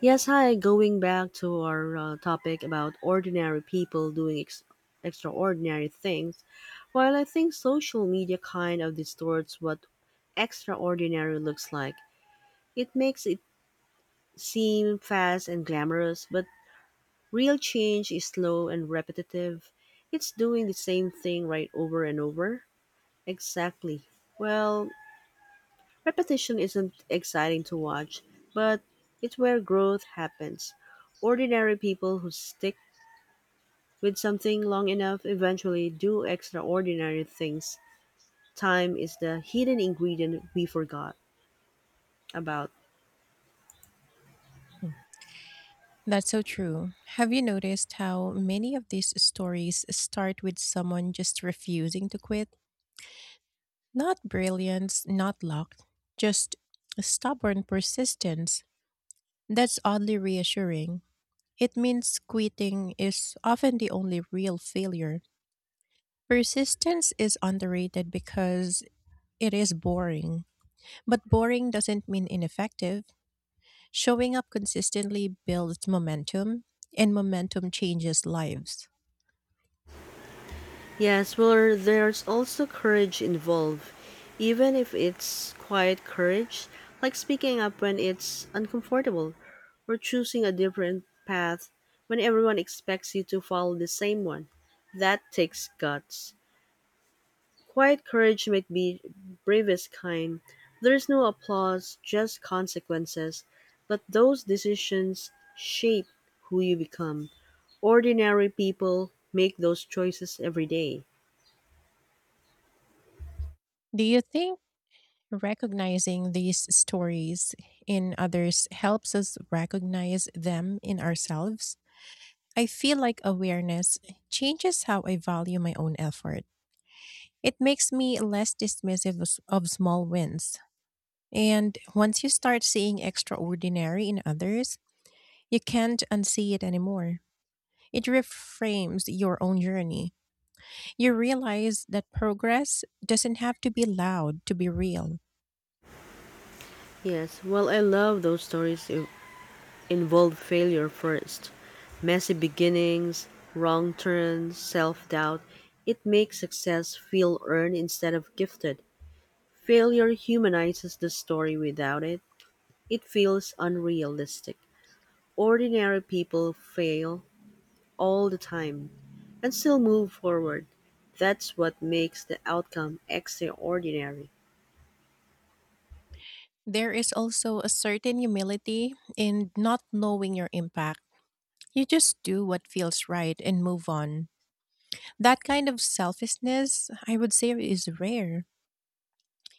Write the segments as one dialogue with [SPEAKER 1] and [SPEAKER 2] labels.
[SPEAKER 1] Yes, hi. Going back to our topic about ordinary people doing extraordinary things, while I think social media kind of distorts what extraordinary looks like, it makes it seem fast and glamorous, but real change is slow and repetitive. It's doing the same thing right over and over. Exactly. Well, repetition isn't exciting to watch, but it's where growth happens ordinary people who stick with something long enough, eventually do extraordinary things. Time is the hidden ingredient we forgot about.
[SPEAKER 2] Mm. That's so true. Have you noticed how many of these stories start with someone just refusing to quit? Not brilliance, not luck, just stubborn persistence. That's oddly reassuring. It means quitting is often the only real failure. Persistence is underrated because it is boring. But boring doesn't mean ineffective. Showing up consistently builds momentum, and momentum changes lives.
[SPEAKER 1] Yes, well, there's also courage involved, even if it's quiet courage, like speaking up when it's uncomfortable, or choosing a different path when everyone expects you to follow the same one. That takes guts. Quiet courage might be bravest kind. There's no applause, just consequences. But those decisions shape who you become. Ordinary people make those choices every day.
[SPEAKER 2] Do you think recognizing these stories in others helps us recognize them in ourselves? I feel like awareness changes how I value my own effort. It makes me less dismissive of small wins. And once you start seeing extraordinary in others, you can't unsee it anymore. It reframes your own journey. You realize that progress doesn't have to be loud to be real.
[SPEAKER 1] Yes, well, I love those stories that involve failure first. Messy beginnings, wrong turns, self doubt. It makes success feel earned instead of gifted. Failure humanizes the story without it, it feels unrealistic. Ordinary people fail all the time and still move forward. That's what makes the outcome extraordinary.
[SPEAKER 2] There is also a certain humility in not knowing your impact. You just do what feels right and move on. That kind of selfishness, I would say, is rare,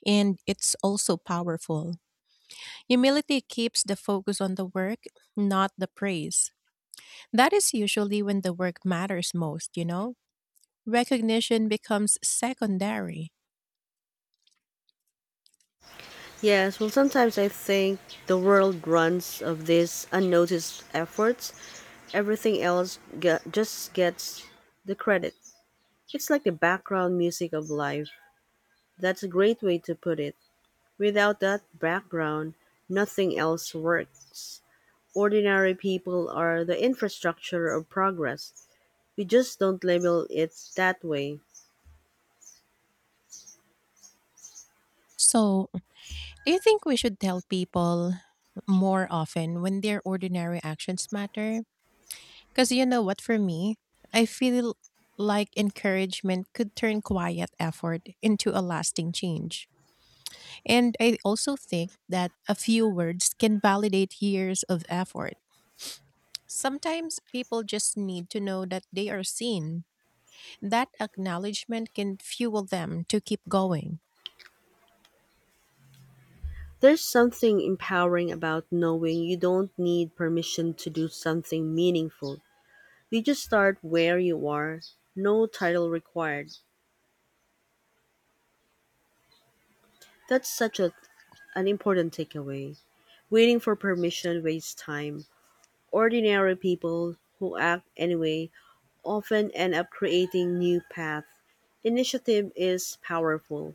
[SPEAKER 2] and it's also powerful. Humility keeps the focus on the work, not the praise. That is usually when the work matters most, you know? Recognition becomes secondary.
[SPEAKER 1] Yes, well, sometimes I think the world runs of these unnoticed efforts. Everything else just gets the credit. It's like the background music of life. That's a great way to put it. Without that background, nothing else works. Ordinary people are the infrastructure of progress. We just don't label it that way.
[SPEAKER 2] So, do you think we should tell people more often when their ordinary actions matter? Because you know what, for me, I feel like encouragement could turn quiet effort into a lasting change. And I also think that a few words can validate years of effort. Sometimes people just need to know that they are seen. That acknowledgement can fuel them to keep going,
[SPEAKER 1] There's something empowering about knowing you don't need permission to do something meaningful. You just start where you are, no title required. That's such a, an important takeaway. Waiting for permission wastes time. Ordinary people who act anyway often end up creating new paths initiative is powerful.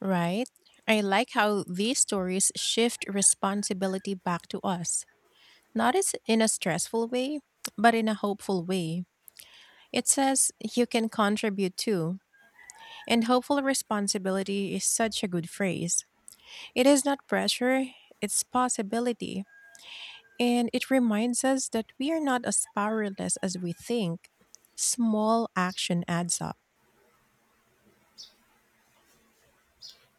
[SPEAKER 2] right? I like how these stories shift responsibility back to us, not as in a stressful way, but in a hopeful way. It says you can contribute too, and hopeful responsibility is such a good phrase. It is not pressure, it's possibility, and it reminds us that we are not as powerless as we think. Small action adds up.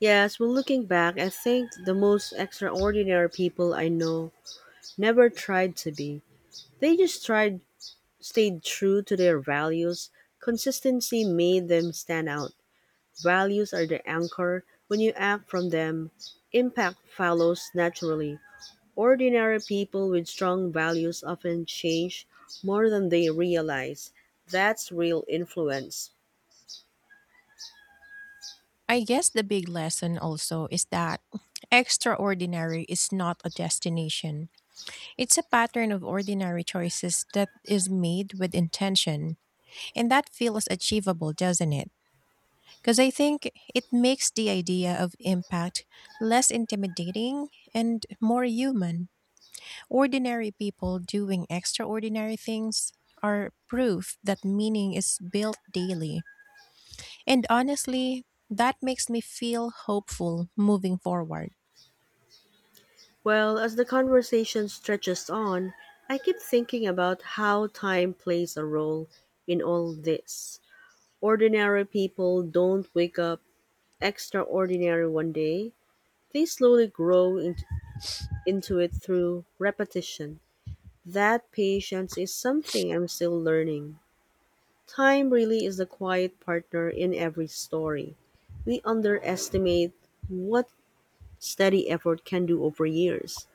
[SPEAKER 1] Yes, well, looking back, I think the most extraordinary people I know never tried to be. They just tried stayed true to their values. Consistency made them stand out. Values are the anchor. When you act from them, impact follows naturally. Ordinary people with strong values often change more than they realize. That's real influence.
[SPEAKER 2] I guess the big lesson also is that extraordinary is not a destination. It's a pattern of ordinary choices that is made with intention, and that feels achievable, doesn't it? Because I think it makes the idea of impact less intimidating and more human. Ordinary people doing extraordinary things are proof that meaning is built daily. And honestly, that makes me feel hopeful moving forward.
[SPEAKER 1] Well, as the conversation stretches on, I keep thinking about how time plays a role in all this. Ordinary people don't wake up extraordinary one day. They slowly into it through repetition. That patience is something I'm still learning. Time really is the quiet partner in every story. We underestimate what steady effort can do over years.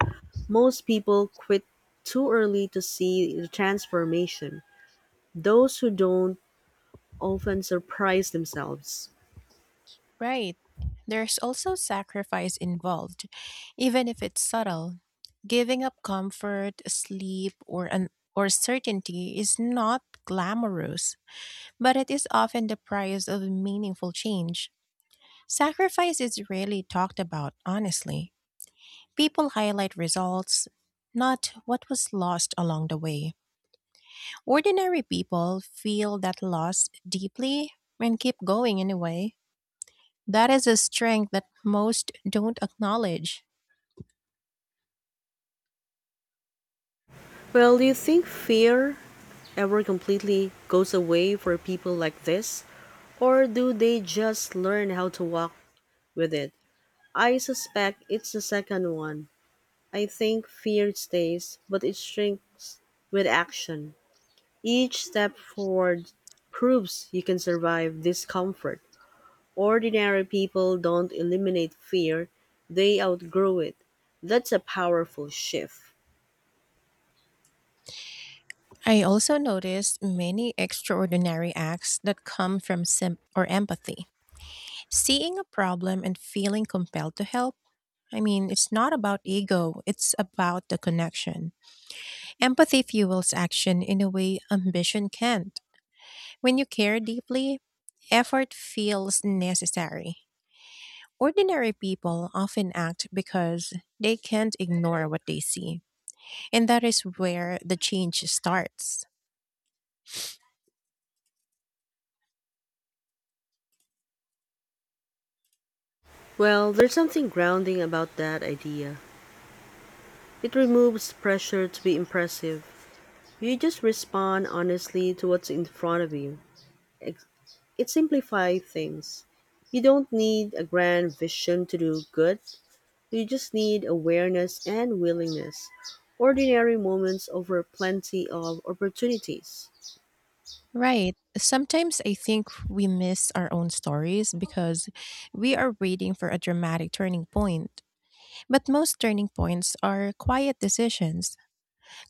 [SPEAKER 1] Most people quit too early to see the transformation. Those who don't often surprise themselves.
[SPEAKER 2] Right. There's also sacrifice involved, even if it's subtle. Giving up comfort, sleep, or certainty is not glamorous, but it is often the price of meaningful change. Sacrifice is rarely talked about, honestly. People highlight results, not what was lost along the way. Ordinary people feel that loss deeply and keep going anyway. That is a strength that most don't acknowledge.
[SPEAKER 1] Well, do you think fear ever completely goes away for people like this? Or do they just learn how to walk with it? I suspect it's the second one. I think fear stays, but it shrinks with action. Each step forward proves you can survive discomfort. Ordinary people don't eliminate fear, they outgrow it. That's a powerful shift.
[SPEAKER 2] I also noticed many extraordinary acts that come from or empathy. Seeing a problem and feeling compelled to help, I mean, it's not about ego, it's about the connection. Empathy fuels action in a way ambition can't. When you care deeply, effort feels necessary. Ordinary people often act because they can't ignore what they see, and that is where the change starts.
[SPEAKER 1] Well, there's something grounding about that idea. It removes pressure to be impressive. You just respond honestly to what's in front of you. It it simplifies things. You don't need a grand vision to do good. You just need awareness and willingness. Ordinary moments over plenty of opportunities.
[SPEAKER 2] Right. Sometimes I think we miss our own stories because we are waiting for a dramatic turning point. But most turning points are quiet decisions.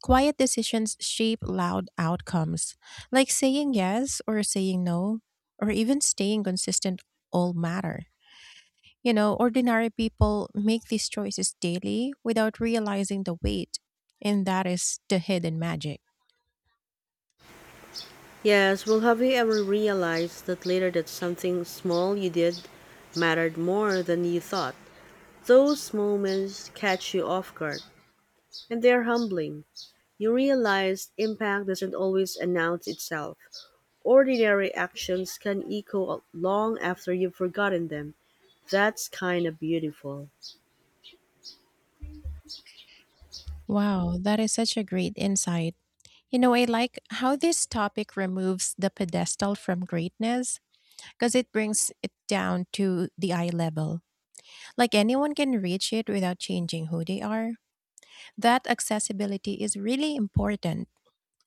[SPEAKER 2] Quiet decisions shape loud outcomes, like saying yes or saying no, or even staying consistent, all matter. You know, ordinary people make these choices daily without realizing the weight, and that is the hidden magic.
[SPEAKER 1] Yes, well, have you ever realized that later that something small you did mattered more than you thought? Those moments catch you off guard, and they're humbling. You realize impact doesn't always announce itself. Ordinary actions can echo long after you've forgotten them. That's kinda beautiful.
[SPEAKER 2] Wow, that is such a great insight. You know, I like how this topic removes the pedestal from greatness because it brings it down to the eye level. Like anyone can reach it without changing who they are. That accessibility is really important.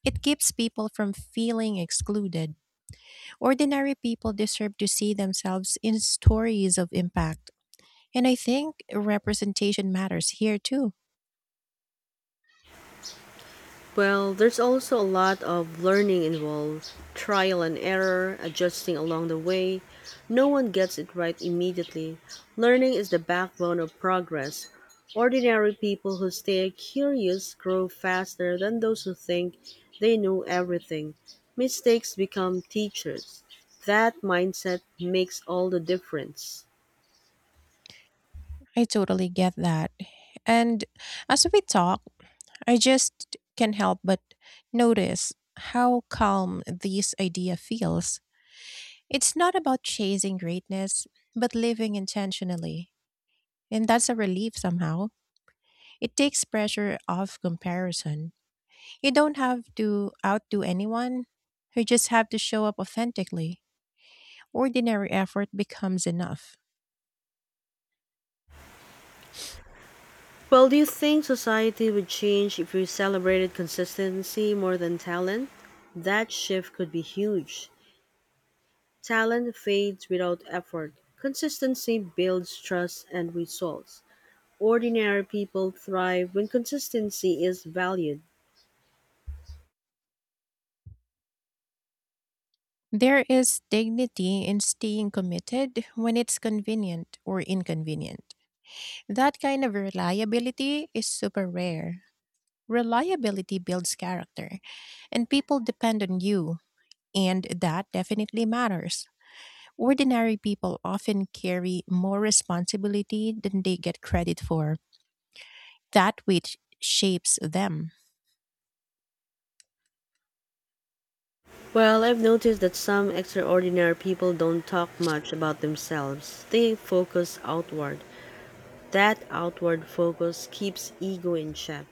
[SPEAKER 2] It keeps people from feeling excluded. Ordinary people deserve to see themselves in stories of impact. And I think representation matters here too.
[SPEAKER 1] Well, there's also a lot of learning involved trial and error, adjusting along the way. No one gets it right immediately. Learning is the backbone of progress. Ordinary people who stay curious grow faster than those who think they know everything. Mistakes become teachers. That mindset makes all the difference.
[SPEAKER 2] I totally get that. And as we talk, I just can't help but notice how calm this idea feels. It's not about chasing greatness, but living intentionally. And that's a relief somehow. It takes pressure off comparison. You don't have to outdo anyone. You just have to show up authentically. Ordinary effort becomes enough.
[SPEAKER 1] Well, do you think society would change if we celebrated consistency more than talent? That shift could be huge. Talent fades without effort. Consistency builds trust and results. Ordinary people thrive when consistency is valued.
[SPEAKER 2] There is dignity in staying committed when it's convenient or inconvenient. That kind of reliability is super rare. Reliability builds character, and people depend on you, and that definitely matters. Ordinary people often carry more responsibility than they get credit for, that which shapes them.
[SPEAKER 1] Well, I've noticed that some extraordinary people don't talk much about themselves. They focus outward. That outward focus keeps ego in check.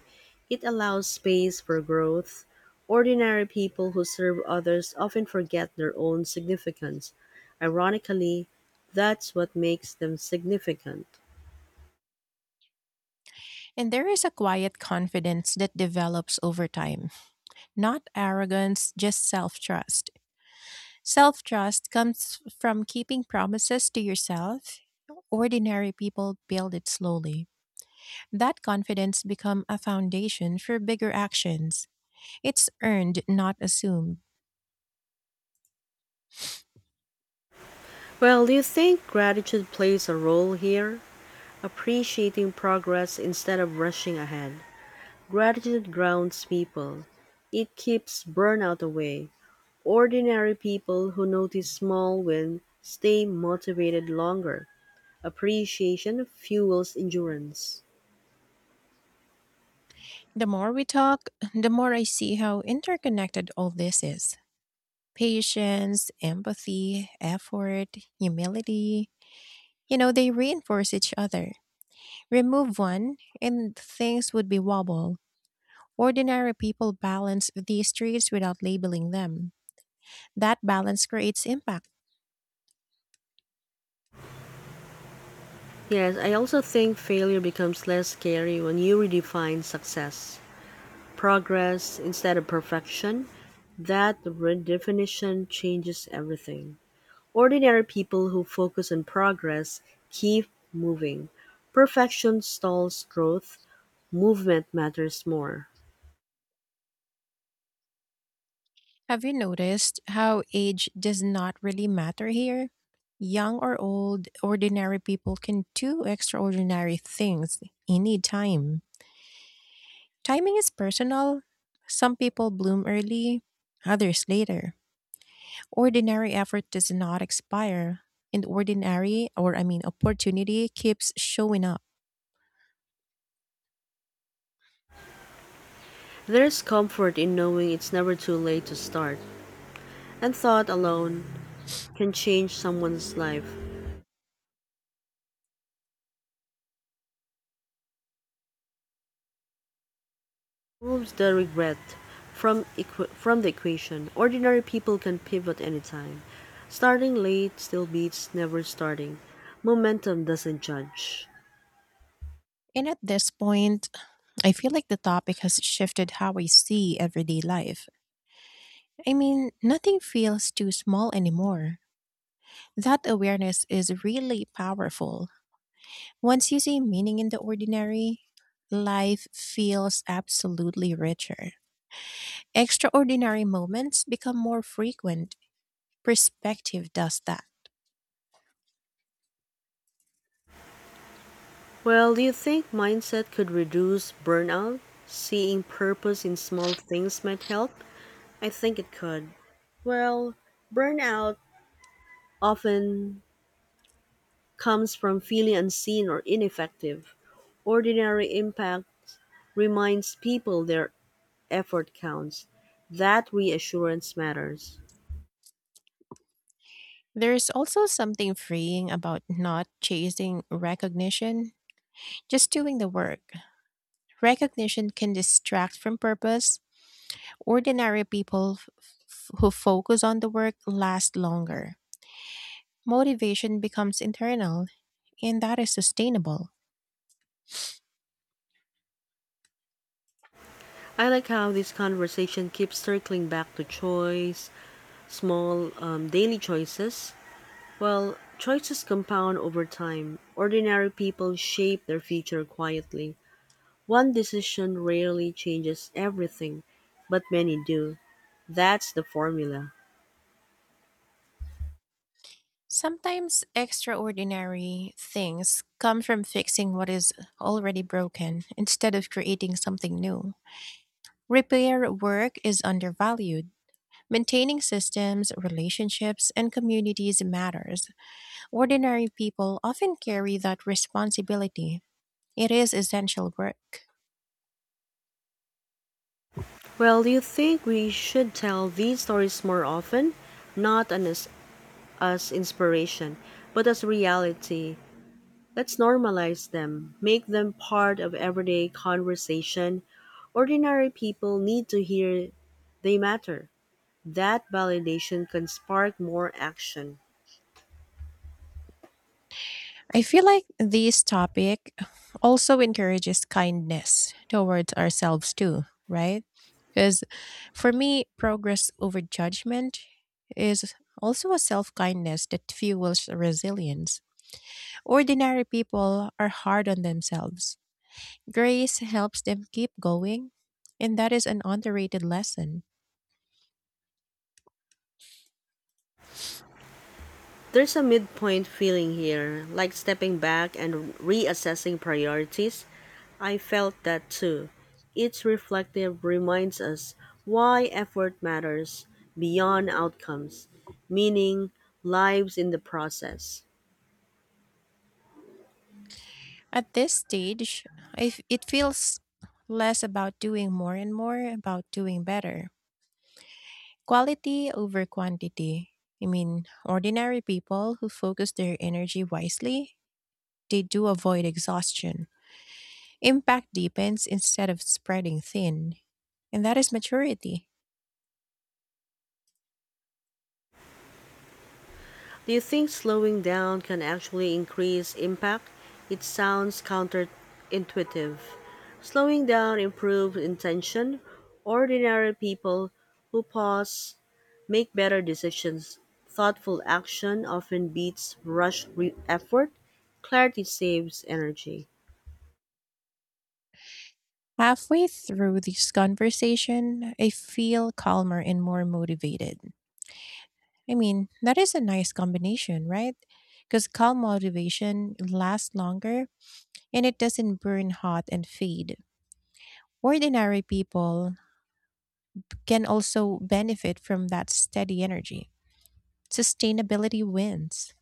[SPEAKER 1] It allows space for growth. Ordinary people who serve others often forget their own significance. Ironically, that's what makes them significant.
[SPEAKER 2] And there is a quiet confidence that develops over time, not arrogance, just self trust. Self trust comes from keeping promises to yourself. Ordinary people build it slowly. That confidence become a foundation for bigger actions. It's earned, not assumed.
[SPEAKER 1] Well, do you think gratitude plays a role here? Appreciating progress instead of rushing ahead. Gratitude grounds people. It keeps burnout away. Ordinary people who notice small wins stay motivated longer. Appreciation fuels endurance.
[SPEAKER 2] The more we talk, the more I see how interconnected all this is. Patience, empathy, effort, humility, you know, they reinforce each other. Remove one, and things would be wobble. Ordinary people balance these traits without labeling them. That balance creates impact.
[SPEAKER 1] Yes, I also think failure becomes less scary when you redefine success. Progress instead of perfection, that redefinition changes everything. Ordinary people who focus on progress keep moving. Perfection stalls growth, movement matters more.
[SPEAKER 2] Have you noticed how age does not really matter here? Young or old, ordinary people can do extraordinary things any time. Timing is personal. Some people bloom early, others later. Ordinary effort does not expire, and ordinary, or I mean, opportunity keeps showing up.
[SPEAKER 1] There's comfort in knowing it's never too late to start, and thought alone can change someone's life. Removes the regret from the equation. Ordinary people can pivot anytime. Starting late still beats never starting. Momentum doesn't judge.
[SPEAKER 2] And at this point, I feel like the topic has shifted how I see everyday life. I mean, nothing feels too small anymore. That awareness is really powerful. Once you see meaning in the ordinary, life feels absolutely richer. Extraordinary moments become more frequent. Perspective does that.
[SPEAKER 1] Well, do you think mindset could reduce burnout? Seeing purpose in small things might help? I think it could. Well, burnout often comes from feeling unseen or ineffective. Ordinary impact reminds people they're effort counts. That reassurance matters.
[SPEAKER 2] There's also something freeing about not chasing recognition, just doing the work. Recognition can distract from purpose. Ordinary people who focus on the work last longer. Motivation becomes internal, and that is sustainable.
[SPEAKER 1] I like how this conversation keeps circling back to choice, small daily choices. Well, choices compound over time. Ordinary people shape their future quietly. One decision rarely changes everything, but many do. That's the formula.
[SPEAKER 2] Sometimes extraordinary things come from fixing what is already broken instead of creating something new. Repair work is undervalued. Maintaining systems, relationships, and communities matters. Ordinary people often carry that responsibility. It is essential work.
[SPEAKER 1] Well, do you think we should tell these stories more often? Not an- as inspiration, but as reality. Let's normalize them, make them part of everyday conversation. Ordinary people need to hear they matter. That validation can spark more action.
[SPEAKER 2] I feel like this topic also encourages kindness towards ourselves too, right? Because for me, progress over judgment is also a self kindness that fuels resilience. Ordinary people are hard on themselves. Grace helps them keep going, and that is an underrated lesson.
[SPEAKER 1] There's a midpoint feeling here, like stepping back and reassessing priorities. I felt that too. It's reflective reminds us why effort matters beyond outcomes, meaning lives in the process.
[SPEAKER 2] At this stage, it feels less about doing more and more about doing better. Quality over quantity. I mean, ordinary people who focus their energy wisely, they do avoid exhaustion. Impact deepens instead of spreading thin, and that is maturity.
[SPEAKER 1] Do you think slowing down can actually increase impact? It sounds counterintuitive. Slowing down improves intention. Ordinary people who pause make better decisions. Thoughtful action often beats effort. Clarity saves energy.
[SPEAKER 2] Halfway through this conversation, I feel calmer and more motivated. I mean, that is a nice combination, right? Because calm motivation lasts longer and it doesn't burn hot and fade. Ordinary people can also benefit from that steady energy. Sustainability wins.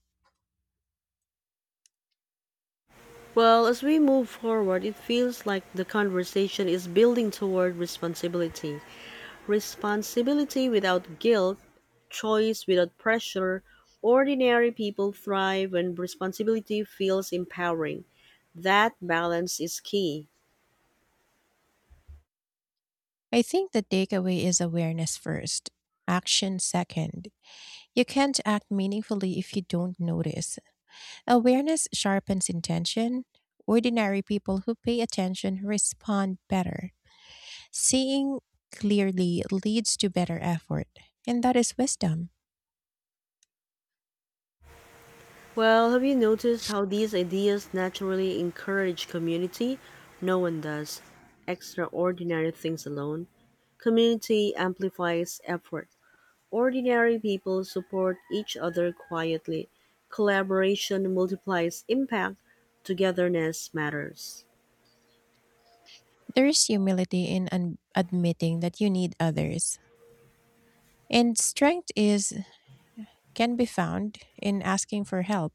[SPEAKER 1] Well, as we move forward, it feels like the conversation is building toward responsibility. Responsibility without guilt choice without pressure, ordinary people thrive when responsibility feels empowering. That balance is key.
[SPEAKER 2] I think the takeaway is awareness first, action second. You can't act meaningfully if you don't notice. Awareness sharpens intention. Ordinary people who pay attention respond better. Seeing clearly leads to better effort, and that is wisdom.
[SPEAKER 1] Well, have you noticed how these ideas naturally encourage community? No one does extraordinary things alone. Community amplifies effort. Ordinary people support each other quietly. Collaboration multiplies impact. Togetherness matters.
[SPEAKER 2] There is humility in admitting that you need others, and strength is can be found in asking for help.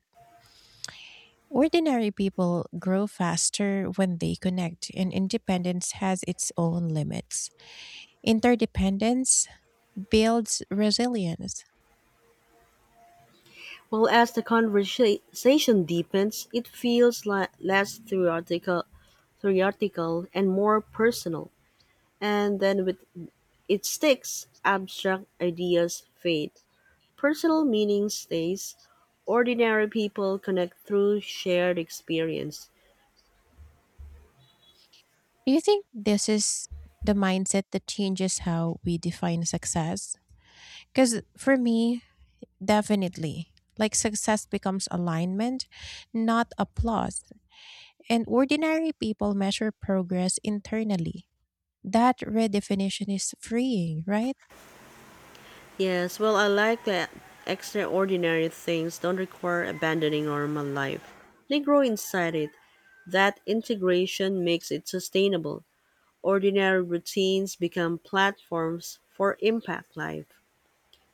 [SPEAKER 2] Ordinary people grow faster when they connect, and independence has its own limits. Interdependence builds resilience.
[SPEAKER 1] Well, as the conversation deepens, it feels less theoretical and more personal. And then with it sticks, abstract ideas fade, personal meaning stays, ordinary people connect through shared experience.
[SPEAKER 2] Do you think this is the mindset that changes how we define success? Because for me, definitely. Like success becomes alignment, not applause. And ordinary people measure progress internally. That redefinition is freeing, right?
[SPEAKER 1] Yes, well, I like that extraordinary things don't require abandoning normal life. They grow inside it. That integration makes it sustainable. Ordinary routines become platforms for impact life.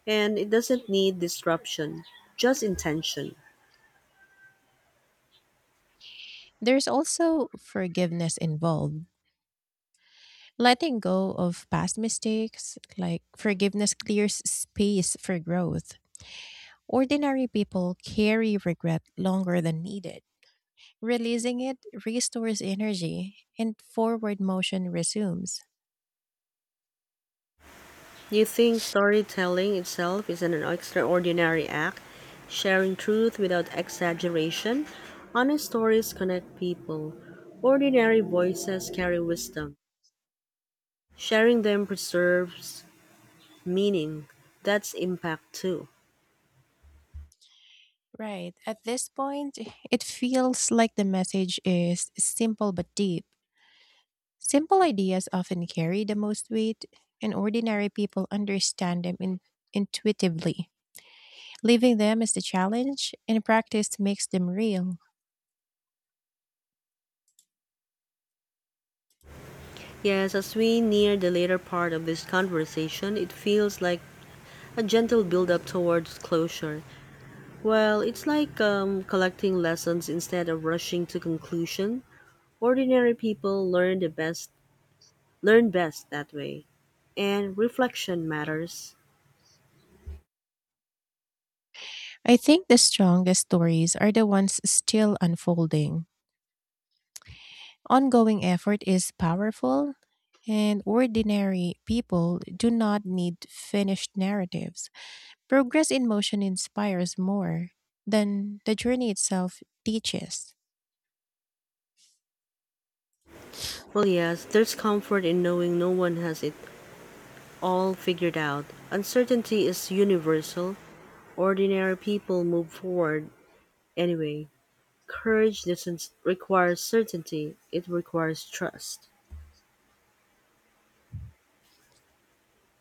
[SPEAKER 1] And it doesn't need disruption, just intention.
[SPEAKER 2] There's also forgiveness involved. Letting go of past mistakes, like forgiveness clears space for growth. Ordinary people carry regret longer than needed. Releasing it restores energy and forward motion resumes.
[SPEAKER 1] You think storytelling itself is an extraordinary act, sharing truth without exaggeration? Honest stories connect people. Ordinary voices carry wisdom. Sharing them preserves meaning. That's impact too.
[SPEAKER 2] Right. At this point, it feels like the message is simple but deep. Simple ideas often carry the most weight, and ordinary people understand them intuitively. Living them is the challenge, and practice makes them real.
[SPEAKER 1] Yes, as we near the later part of this conversation, it feels like a gentle build-up towards closure. Well, it's like collecting lessons instead of rushing to conclusion. Ordinary people learn best that way, and reflection matters.
[SPEAKER 2] I think the strongest stories are the ones still unfolding. Ongoing effort is powerful, and ordinary people do not need finished narratives. Progress in motion inspires more than the journey itself teaches.
[SPEAKER 1] Well, yes, there's comfort in knowing no one has it all figured out. Uncertainty is universal. Ordinary people move forward anyway. Courage doesn't require certainty; it requires trust.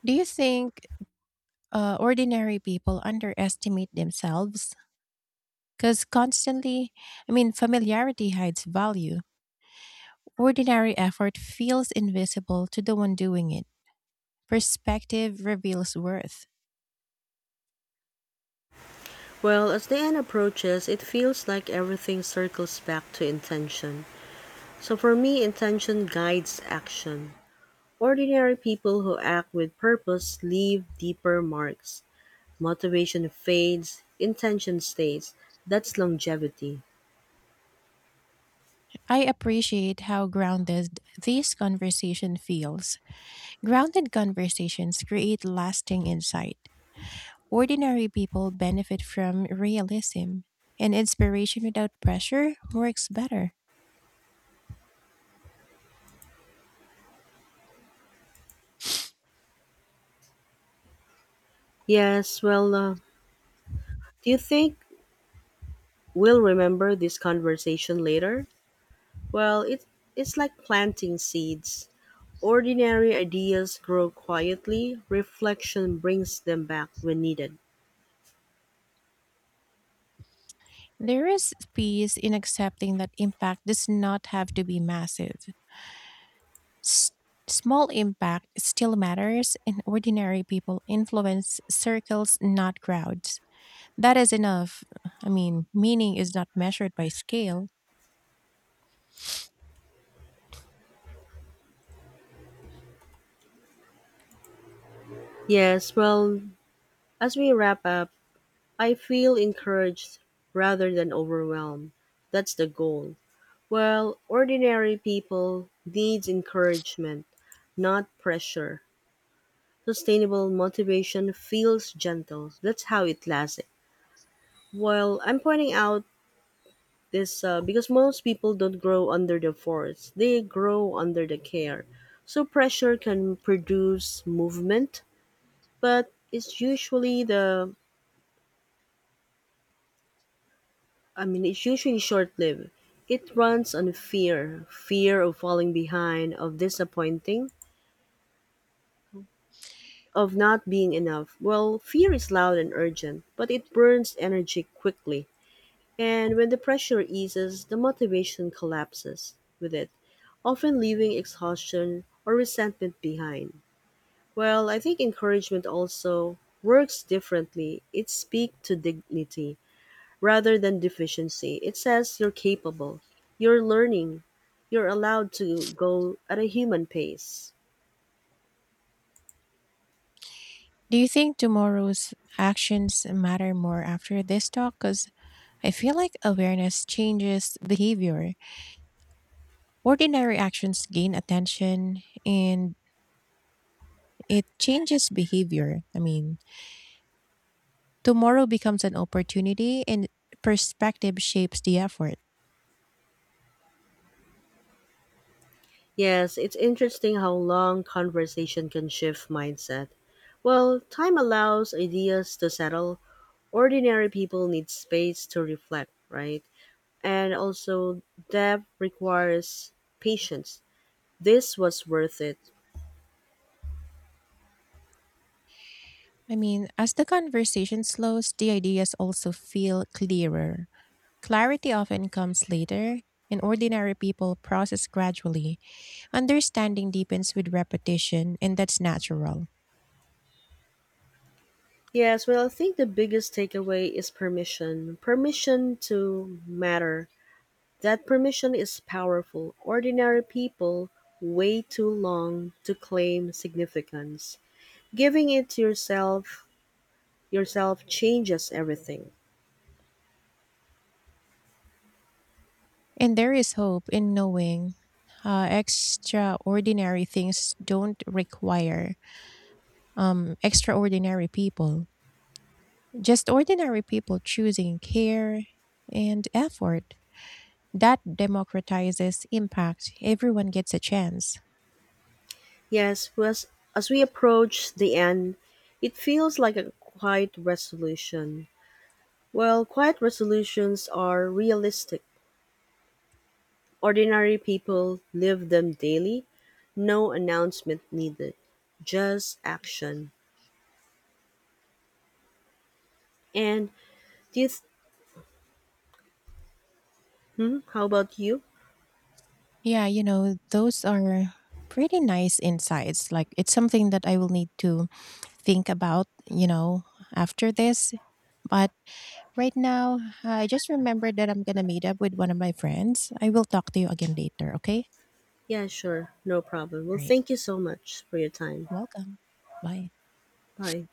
[SPEAKER 2] Do you think ordinary people underestimate themselves? Because constantly, I mean, familiarity hides value. Ordinary effort feels invisible to the one doing it. Perspective reveals worth.
[SPEAKER 1] Well, as the end approaches, it feels like everything circles back to intention. So for me, intention guides action. Ordinary people who act with purpose leave deeper marks. Motivation fades, intention stays. That's longevity.
[SPEAKER 2] I appreciate how grounded this conversation feels. Grounded conversations create lasting insight. Ordinary people benefit from realism, and inspiration without pressure works better.
[SPEAKER 1] Yes, well, uh, do you think we'll remember this conversation later? Well, it, it's like planting seeds. Ordinary ideas grow quietly, reflection brings them back when needed.
[SPEAKER 2] There is peace in accepting that impact does not have to be massive. S- Small impact still matters, and ordinary people influence circles, not crowds. That is enough. I mean, meaning is not measured by scale.
[SPEAKER 1] Yes, well, as we wrap up, I feel encouraged rather than overwhelmed. That's the goal. Well, ordinary people needs encouragement, not pressure. Sustainable motivation feels gentle. That's how it lasts. Well, I'm pointing out this because most people don't grow under the force. They grow under the care. So pressure can produce movement, but it's usually the I mean, it's usually short lived. It runs on fear of falling behind, of disappointing, of not being enough. Well, fear is loud and urgent, but it burns energy quickly. And when the pressure eases, the motivation collapses with it, often leaving exhaustion or resentment behind. Well, I think encouragement also works differently. It speaks to dignity rather than deficiency. It says you're capable, you're learning, you're allowed to go at a human pace.
[SPEAKER 2] Do you think tomorrow's actions matter more after this talk? Because I feel like awareness changes behavior. Ordinary actions gain attention and it changes behavior. I mean, tomorrow becomes an opportunity and perspective shapes the effort.
[SPEAKER 1] Yes, it's interesting how long conversation can shift mindset. Well, time allows ideas to settle. Ordinary people need space to reflect, right? And also, depth requires patience. This was worth it.
[SPEAKER 2] I mean, as the conversation slows, the ideas also feel clearer. Clarity often comes later, and ordinary people process gradually. Understanding deepens with repetition, and that's natural.
[SPEAKER 1] Yes, well, I think the biggest takeaway is permission. Permission to matter that permission is powerful; ordinary people wait too long to claim significance. Giving it to yourself changes everything.
[SPEAKER 2] And there is hope in knowing extraordinary things don't require extraordinary people, just ordinary people choosing care and effort. That democratizes impact. Everyone gets a chance.
[SPEAKER 1] Yes, as, as we approach the end, it feels like a quiet resolution. Well, quiet resolutions are realistic. Ordinary people live them daily. No announcement needed, just action. And do you th- hmm, how about you?
[SPEAKER 2] Yeah, you know, those are pretty nice insights. Like, it's something that I will need to think about, you know, after this. But right now, I just remembered that I'm going to meet up with one of my friends. I will talk to you again later, okay?
[SPEAKER 1] Yeah, sure. No problem. Well,
[SPEAKER 2] All right.
[SPEAKER 1] thank you so much for your time.
[SPEAKER 2] Welcome. Bye.
[SPEAKER 1] Bye.